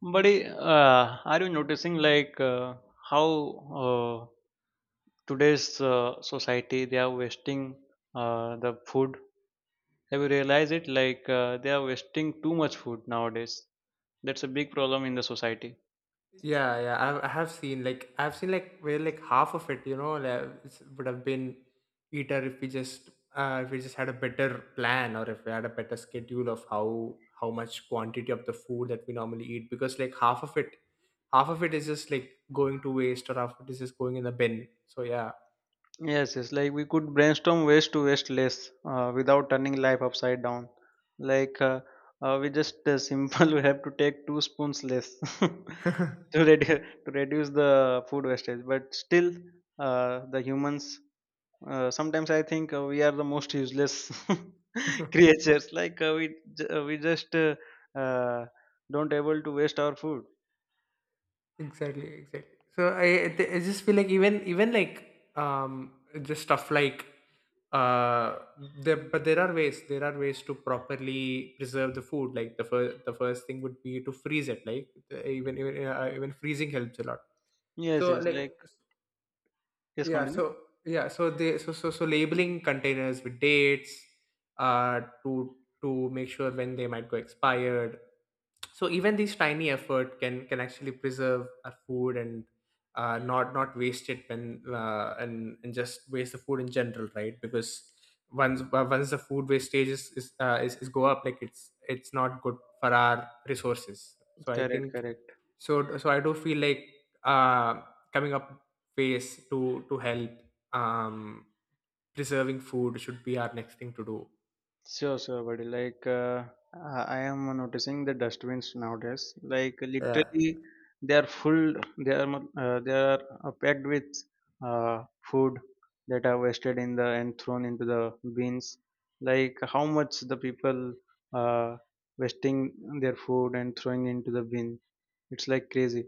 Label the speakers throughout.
Speaker 1: But are you noticing how today's society they are wasting the food? Have you realized it? They are wasting too much food nowadays. That's a big problem in the society.
Speaker 2: Yeah, yeah, I have seen like I've seen like where like half of it, would have been eater if we just had a better plan or if we had a better schedule of how much quantity of the food that we normally eat because like half of it is just like going to waste or half of it is just going in the bin. So yeah.
Speaker 1: Yes, yes. Like we could brainstorm ways to waste less without turning life upside down. Like we just Simple. We have to take two spoons less to reduce the food wastage. But still, the humans sometimes I think we are the most useless creatures. We j- we just uh, don't able to waste our food.
Speaker 2: Exactly, exactly. So I just feel like even like um just stuff like uh there are ways to properly preserve the food like the first thing would be to freeze it like even freezing helps a lot
Speaker 1: Yes,
Speaker 2: so
Speaker 1: yes.
Speaker 2: like
Speaker 1: Like yes,
Speaker 2: yeah,
Speaker 1: continue.
Speaker 2: so yeah, so they so so so labeling containers with dates uh to to make sure when they might go expired. So even this tiny effort can actually preserve our food and not not waste it when and just waste the food in general, right? Because once the food wastage is go up, like it's not good for our resources. So I
Speaker 1: Correct,
Speaker 2: think
Speaker 1: correct.
Speaker 2: so I do feel like uh coming up ways to help um preserving food should be our next thing to do.
Speaker 1: Sure, sure, buddy. Like, I am noticing the dustbins nowadays. Like,
Speaker 2: Yeah,
Speaker 1: literally, they are full. They are packed with uh, food that are wasted in the and thrown into the bins. Like, how much the people uh, wasting their food and throwing into the bin? It's like crazy.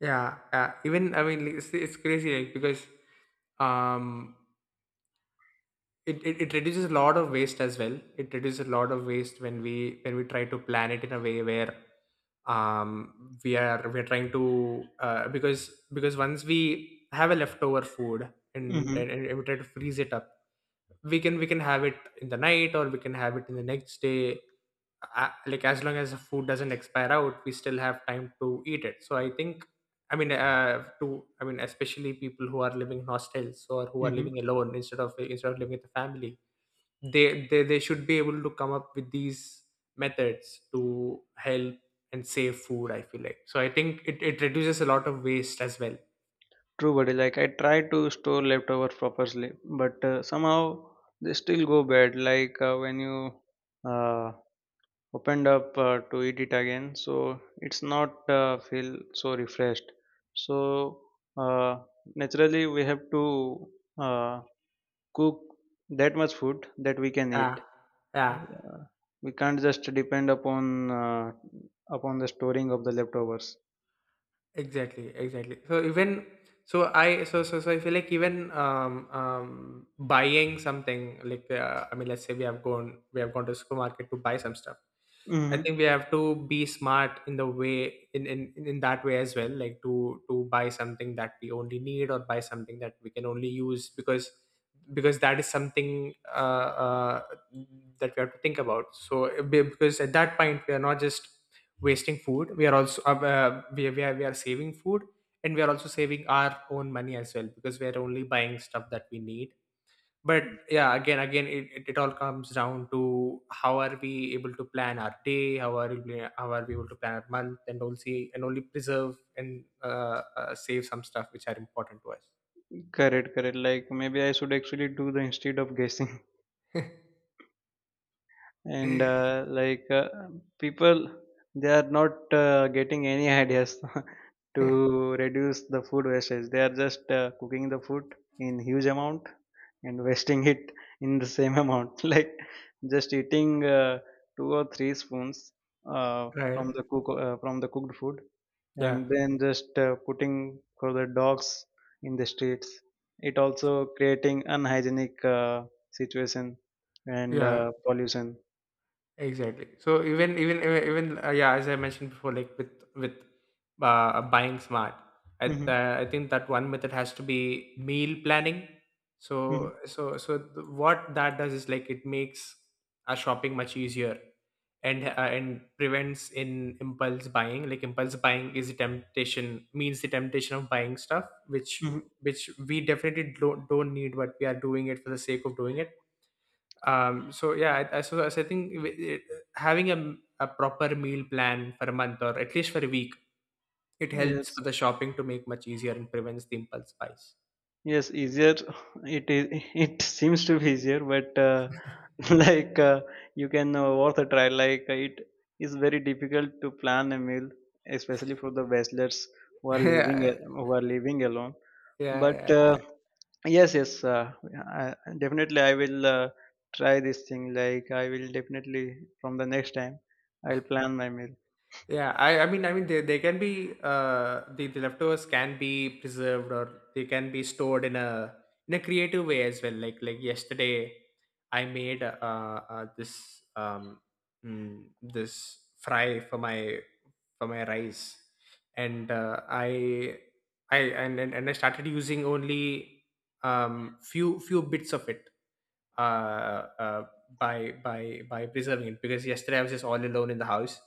Speaker 2: yeah, even I mean like, it's crazy like because um it reduces a lot of waste as well. It reduces a lot of waste when we try to plan it in a way where we are trying to because once we have a leftover food and,
Speaker 1: Mm-hmm.
Speaker 2: and and we try to freeze it up. We can we can have it in the night or we can have it in the next day, like as long as the food doesn't expire out we still have time to eat it. So I think I mean especially people who are living in hostels or who are living alone instead of living with a family they should be able to come up with these methods to help and save food I feel like. So I think it reduces a lot of waste as well.
Speaker 1: True, buddy. Like I try to store leftovers properly, but somehow they still go bad. When you uh, opened up to eat it again, so it's not feel so refreshed. So uh, naturally, we have to uh, cook that much food that we can
Speaker 2: Yeah,
Speaker 1: eat.
Speaker 2: yeah.
Speaker 1: Uh, we can't just depend upon the storing of the leftovers.
Speaker 2: Exactly, exactly. So even so, I so so so I feel like even buying something like I mean, let's say we have gone to supermarket to buy some stuff. I
Speaker 1: Mm-hmm.
Speaker 2: think we have to be smart in the way in that way as well, like to buy something that we only need or buy something that we can only use because that is something that we have to think about. So because at that point we are not just wasting food, we are also we are saving food and we are also saving our own money as well because we are only buying stuff that we need. But yeah, again again it all comes down to how are we able to plan our day, how are we able to plan our month and only preserve and save some stuff which are important to us.
Speaker 1: Correct, correct. Like maybe I should actually do the instead of guessing. And people they are not getting any ideas to reduce the food wastage. They are just cooking the food in huge amount and wasting it in the same amount like just eating two or three spoons
Speaker 2: Right,
Speaker 1: from the cooked food
Speaker 2: yeah,
Speaker 1: and then just putting for the dogs in the streets. It also creating unhygienic situation and
Speaker 2: yeah.
Speaker 1: pollution.
Speaker 2: Exactly. So even, yeah, as I mentioned before, like with buying smart,
Speaker 1: Mhm,
Speaker 2: I think that one method has to be meal planning.
Speaker 1: mhm,
Speaker 2: So what that does is like it makes our shopping much easier and prevents in impulse buying. Like impulse buying is a temptation, means the temptation of buying stuff
Speaker 1: mhm.
Speaker 2: which we definitely don't need, but we are doing it for the sake of doing it. So yeah, so, so I think having a proper meal plan for a month or at least for a week, it helps
Speaker 1: Yes,
Speaker 2: for the shopping to make much easier and prevents the impulse buys.
Speaker 1: yes, easier. It is. It seems to be easier, but like uh, you can worth a try. It is very difficult to plan a meal, especially for the bachelors
Speaker 2: Yeah,
Speaker 1: who are living alone. But
Speaker 2: yeah, yeah,
Speaker 1: yes, yes, definitely I will try this thing. Like I will definitely from the next time I will plan my meal.
Speaker 2: yeah. I mean I mean they can be the leftovers can be preserved or they can be stored in a creative way as well, like yesterday I made this this fry for my rice, and I and I started using only few few bits of it uh, uh by preserving it, because yesterday I was just all alone in the house.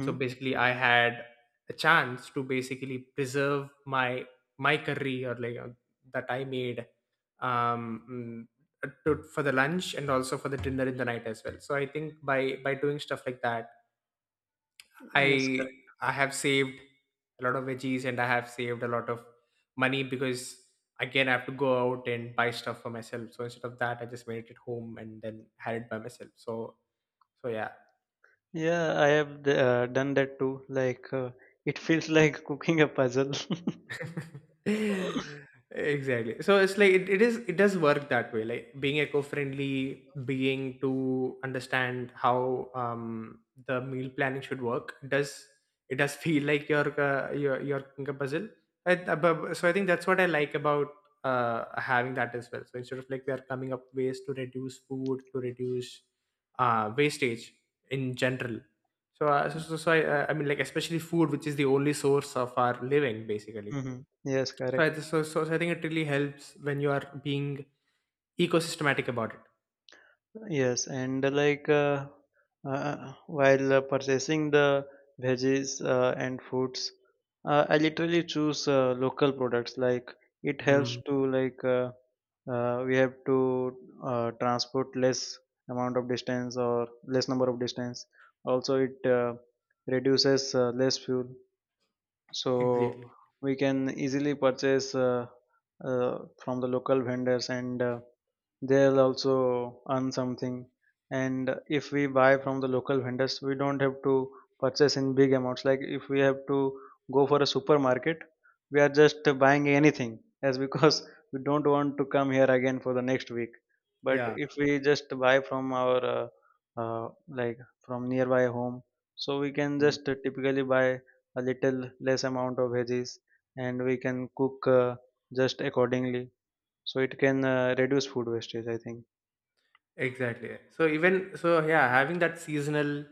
Speaker 2: So basically I had a chance to basically preserve my my curry or like that I made, um mm, to, for the lunch and also for the dinner in the night as well. So I think by doing stuff like that,
Speaker 1: Yes,
Speaker 2: I
Speaker 1: correct.
Speaker 2: I have saved a lot of veggies and I have saved a lot of money, because again I have to go out and buy stuff for myself. So instead of that, I just made it at home and then had it by myself. So so yeah.
Speaker 1: Yeah, I have done that too. Like, it feels like cooking a puzzle.
Speaker 2: Exactly, so it's like it is, it does work that way, like being eco-friendly, being to understand how the meal planning should work does it does feel like your cooking puzzle. So I think that's what I like about uh having that as well. So instead of like we are coming up ways to reduce food, to reduce wastage in general. So so I mean, like, especially food, which is the only source of our living basically.
Speaker 1: Hmm. Yes,
Speaker 2: So
Speaker 1: correct.
Speaker 2: so I think it really helps when you are being ecosystematic about it.
Speaker 1: Yes, and while purchasing the veggies and fruits, I literally choose local products. Like, it helps
Speaker 2: Mm,
Speaker 1: to we have to transport less amount of distance or less number of distance. Also, it reduces less fuel, so
Speaker 2: exactly.
Speaker 1: we can easily purchase from the local vendors, and they'll also earn something. And if we buy from the local vendors, we don't have to purchase in big amounts. Like if we have to go for a supermarket, we are just buying anything as because we don't want to come here again for the next week. But
Speaker 2: Yeah.
Speaker 1: if we just buy from our uh, like from nearby home, so we can
Speaker 2: Mm,
Speaker 1: just typically buy a little less amount of veggies, and we can cook just accordingly, so it can reduce food wastage, I think.
Speaker 2: exactly. So even so, yeah, having that seasonal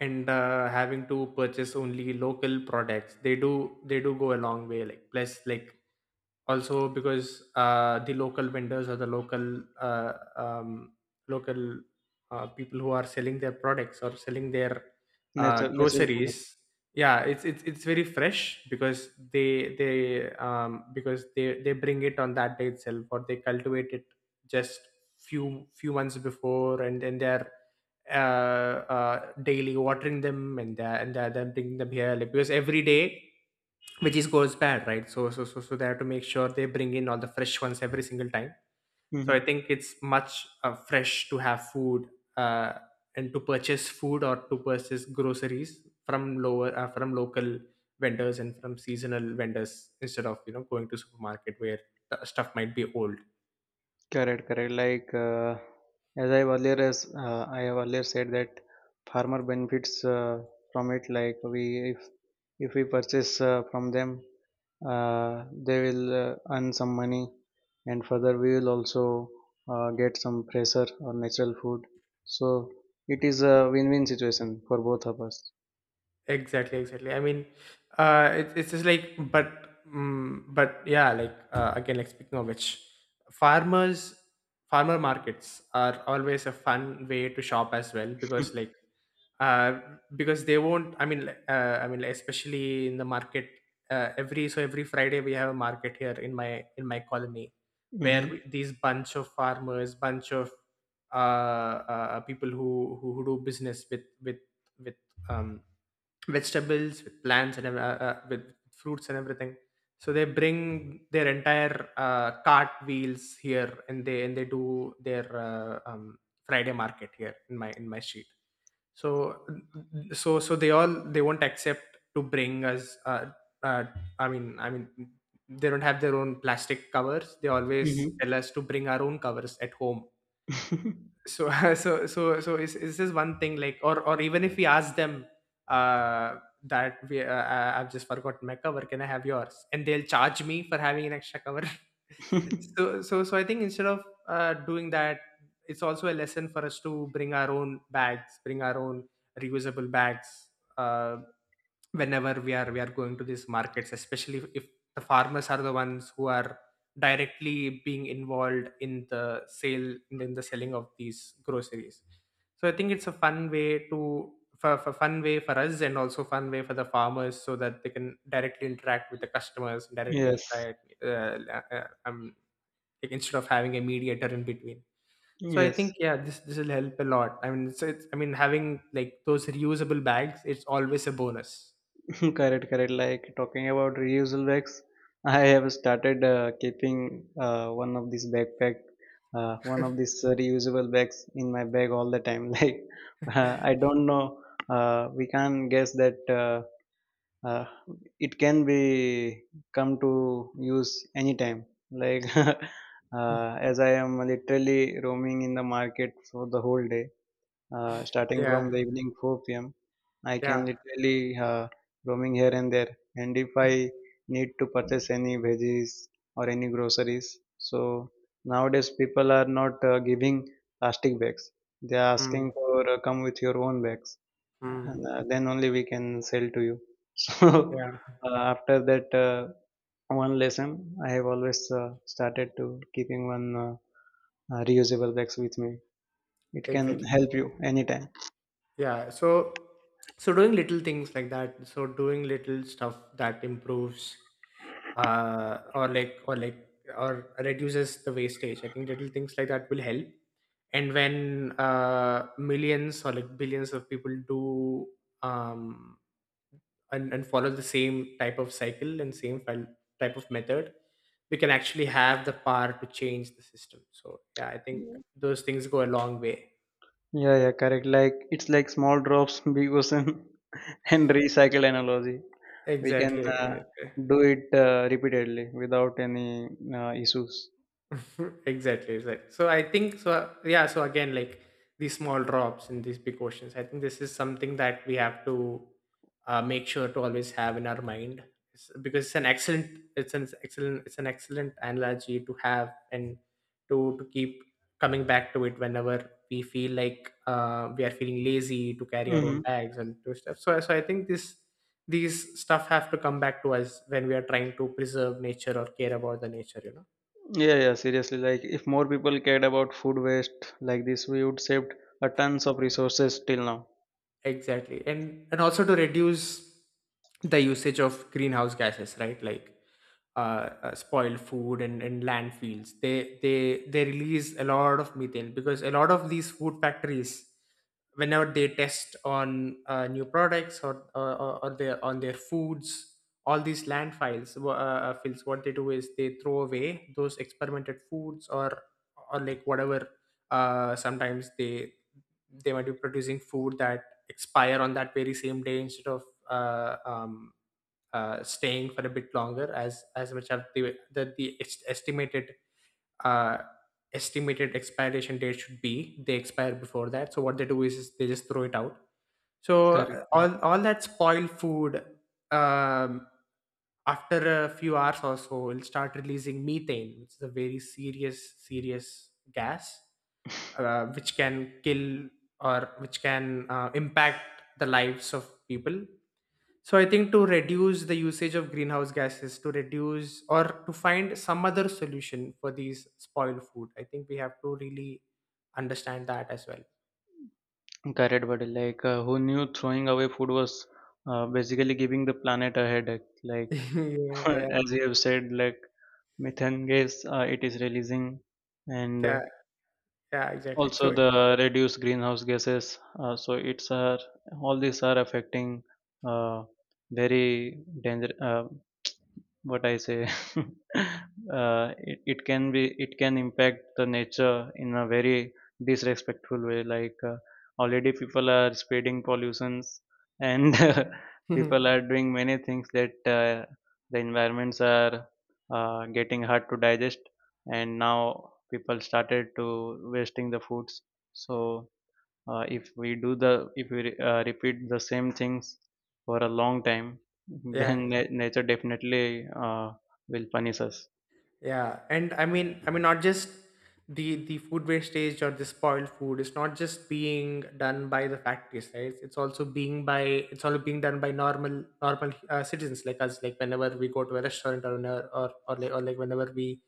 Speaker 2: and having to purchase only local products, they do go a long way. Like plus, like also because the local vendors or the local local people who are selling their products or selling their
Speaker 1: Natural natural product.
Speaker 2: groceries, yeah, it's very fresh because they bring it on that day itself or they cultivate it just few few months before, and then they're daily watering them, and they're bringing them here like, because every day which is goes bad, right? So they have to make sure they bring in all the fresh ones every single time. So
Speaker 1: Hmm.
Speaker 2: I think it's much fresh to have food uh, and to purchase food or to purchase groceries from lower from local vendors and from seasonal vendors instead of you know going to supermarket where the stuff might be old.
Speaker 1: Correct, correct. Like as I have earlier said that farmer benefits from it. Like we if if we purchase from them, they will earn some money, and further we will also get some fresher or natural food. So it is a win-win situation for both of us.
Speaker 2: Exactly, exactly. I mean, it's just like, but yeah, like again, like speaking of which, farmers, farmer markets are always a fun way to shop as well because, like, uh, because they won't. I mean, like, especially in the market, every Friday we have a market here in my colony, where
Speaker 1: Mm-hmm.
Speaker 2: we, these bunch of farmers, bunch of uh, people who, who do business with um vegetables, with plants, and with fruits and everything. So they bring their entire cart wheels here, and they do their Friday market here in my street. So they all they won't accept to bring us. Uh, I mean they don't have their own plastic covers. They always tell us to bring our own covers at home.
Speaker 1: Mm-hmm.
Speaker 2: So so is this one thing like, or even if we ask them uh that we I've just forgotten my cover, can I have yours, and they'll charge me for having an extra cover. So I think instead of doing that, it's also a lesson for us to bring our own bags, bring our own reusable bags uh, whenever we are going to these markets, especially if the farmers are the ones who are directly being involved in the sale, in the selling of these groceries. So I think it's a fun way to for fun way for us and also fun way for the farmers so that they can directly interact with the customers, directly
Speaker 1: Yes.
Speaker 2: interact, like instead of having a mediator in between. So I
Speaker 1: Yes,
Speaker 2: think yeah this will help a lot. I mean so I mean having like those reusable bags it's always a bonus.
Speaker 1: correct, correct. Like talking about reusable bags, I have started keeping one of these backpack, one of these reusable bags in my bag all the time. I don't know, we can't guess that uh, it can be come to use anytime. Like as I am literally roaming in the market for the whole day starting
Speaker 2: Yeah,
Speaker 1: from the evening 4 p.m. I can
Speaker 2: yeah.
Speaker 1: literally roaming here and there. And if I need to purchase any veggies or any groceries, so nowadays people are not giving plastic bags. They are
Speaker 2: Mm,
Speaker 1: asking for come with your own bags.
Speaker 2: mm.
Speaker 1: And, then only we can sell to you. So
Speaker 2: Yeah,
Speaker 1: after that one lesson, I have always started to keeping one reusable bags with me. It can
Speaker 2: exactly.
Speaker 1: help you anytime.
Speaker 2: Yeah. So doing little things like that, so doing little stuff that improves uh or like or like or reduces the wastage. I think little things like that will help. And when millions or like billions of people do um and follow the same type of cycle and same file type of method, we can actually have the power to change the system. So yeah, I think
Speaker 1: Yeah,
Speaker 2: those things go a long way.
Speaker 1: yeah, correct. Like it's like small drops, big ocean, and recycle analogy. We can
Speaker 2: Exactly.
Speaker 1: do it repeatedly without any issues.
Speaker 2: Exactly, so I think so, yeah, so again, like these small drops in these big oceans, I think this is something that we have to make sure to always have in our mind. Because it's an excellent it's an excellent analogy to have and to keep coming back to it whenever we feel like we are feeling lazy to carry our own
Speaker 1: Hmm.
Speaker 2: bags and do stuff, so I think this these stuff have to come back to us when we are trying to preserve nature or care about the nature, you know?
Speaker 1: Yeah, yeah, seriously. Like if more people cared about food waste like this, we would save a tons of resources till now.
Speaker 2: Exactly. And also to reduce the usage of greenhouse gases, right? Like uh, spoiled food and landfills. They release a lot of methane, because a lot of these food factories, whenever they test on new products or their on their foods, all these landfills fills. What they do is they throw away those experimented foods or like whatever. Sometimes they might be producing food that expire on that very same day instead of uh, um, staying for a bit longer, as much as estimated uh, estimated expiration date should be. They expire before that, so what they do is they just throw it out. So uh,
Speaker 1: Correct.
Speaker 2: all all that spoiled food, um, after a few hours or so, will start releasing methane, which is a very serious gas which can kill or which can impact the lives of people. So I think to reduce the usage of greenhouse gases, to reduce or to find some other solution for these spoiled food, I think we have to really understand that as well.
Speaker 1: Correct, buddy. Who knew throwing away food was basically giving the planet a headache. Like
Speaker 2: yeah, yeah,
Speaker 1: as you have said, like methane gas, it is releasing. And
Speaker 2: yeah, yeah, exactly.
Speaker 1: also
Speaker 2: So
Speaker 1: the reduced greenhouse gases so it's are all these are affecting uh, very danger what I say, it can be it can impact the nature in a very disrespectful way. Already people are spreading pollutions, and people are doing many things that the environments are getting hard to digest, and now people started to wasting the foods. So if we repeat the same things for a long time,
Speaker 2: yeah.
Speaker 1: then nature definitely will punish us.
Speaker 2: Yeah, and I mean, not just the food wastage or the spoiled food. It's not just being done by the factories, right? It's also being by it's also being done by normal citizens like us. Like whenever we go to a restaurant or whenever, or like whenever we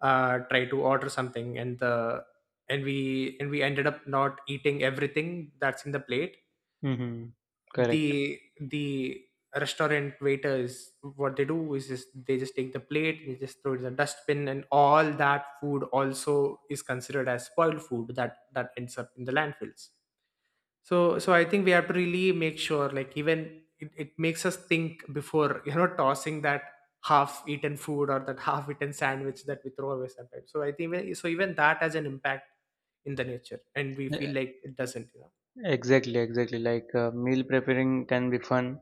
Speaker 2: try to order something and the and we ended up not eating everything that's in the plate,
Speaker 1: Hmm. Correct.
Speaker 2: the restaurant waiters, what they do is just they just take the plate, they just throw it in the dustbin, and all that food also is considered as spoiled food that that ends up in the landfills. So I think we have to really make sure, like, even it makes us think before, you know, tossing that half eaten food or that half eaten sandwich that we throw away sometimes. So I think so even that has an impact in the nature and we feel
Speaker 1: E-
Speaker 2: like it doesn't.
Speaker 1: exactly, exactly. Meal preparing can be fun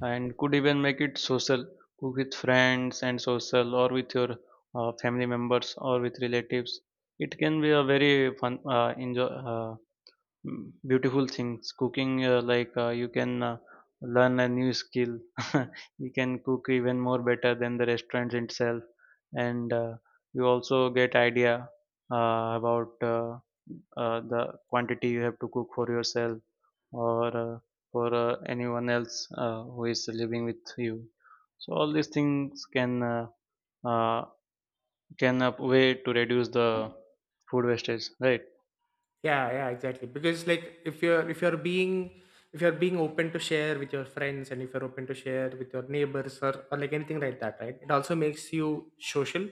Speaker 1: and could even make it social. Cook with friends and social or with your family members or with relatives. It can be a very fun enjoy Mm, beautiful things cooking. You can learn a new skill. You can cook even more better than the restaurants itself, and you also get idea about the quantity you have to cook for yourself or for anyone else who is living with you. So all these things uh, can a way to reduce the food wastage, right?
Speaker 2: Yeah, yeah, exactly. Because like if you're being open to share with your friends, and if you're open to share with your neighbors, or like anything like that, right, it also makes you social.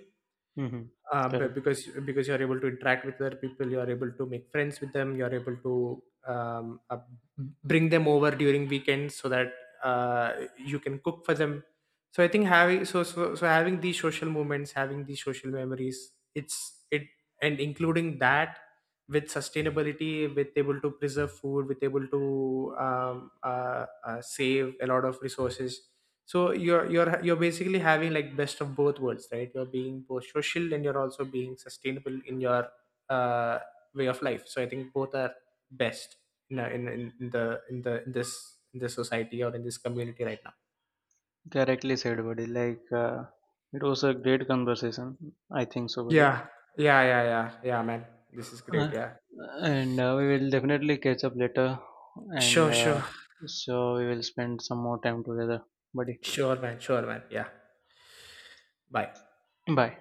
Speaker 1: Mm-hmm.
Speaker 2: But because you're able to interact with other people, you're able to make friends with them, you're able to um, uh, bring them over during weekends so that uh, you can cook for them. So I think having so, so so having these social moments, having these social memories, it's it and including that with sustainability, with able to preserve food, with able to save a lot of resources. So you're basically having like best of both worlds, right? You're being both social, and you're also being sustainable in your uh, way of life. So I think both are best in, a- in, in the in the in this society or in this community right now.
Speaker 1: Correctly said, buddy. Like, it was a great conversation. I think so, buddy.
Speaker 2: Yeah, yeah, man, this is great,
Speaker 1: Uh,
Speaker 2: yeah.
Speaker 1: and we will definitely catch up later. And
Speaker 2: Sure, sure
Speaker 1: so we will spend some more time together, buddy.
Speaker 2: sure man, sure man yeah. Bye.
Speaker 1: Bye.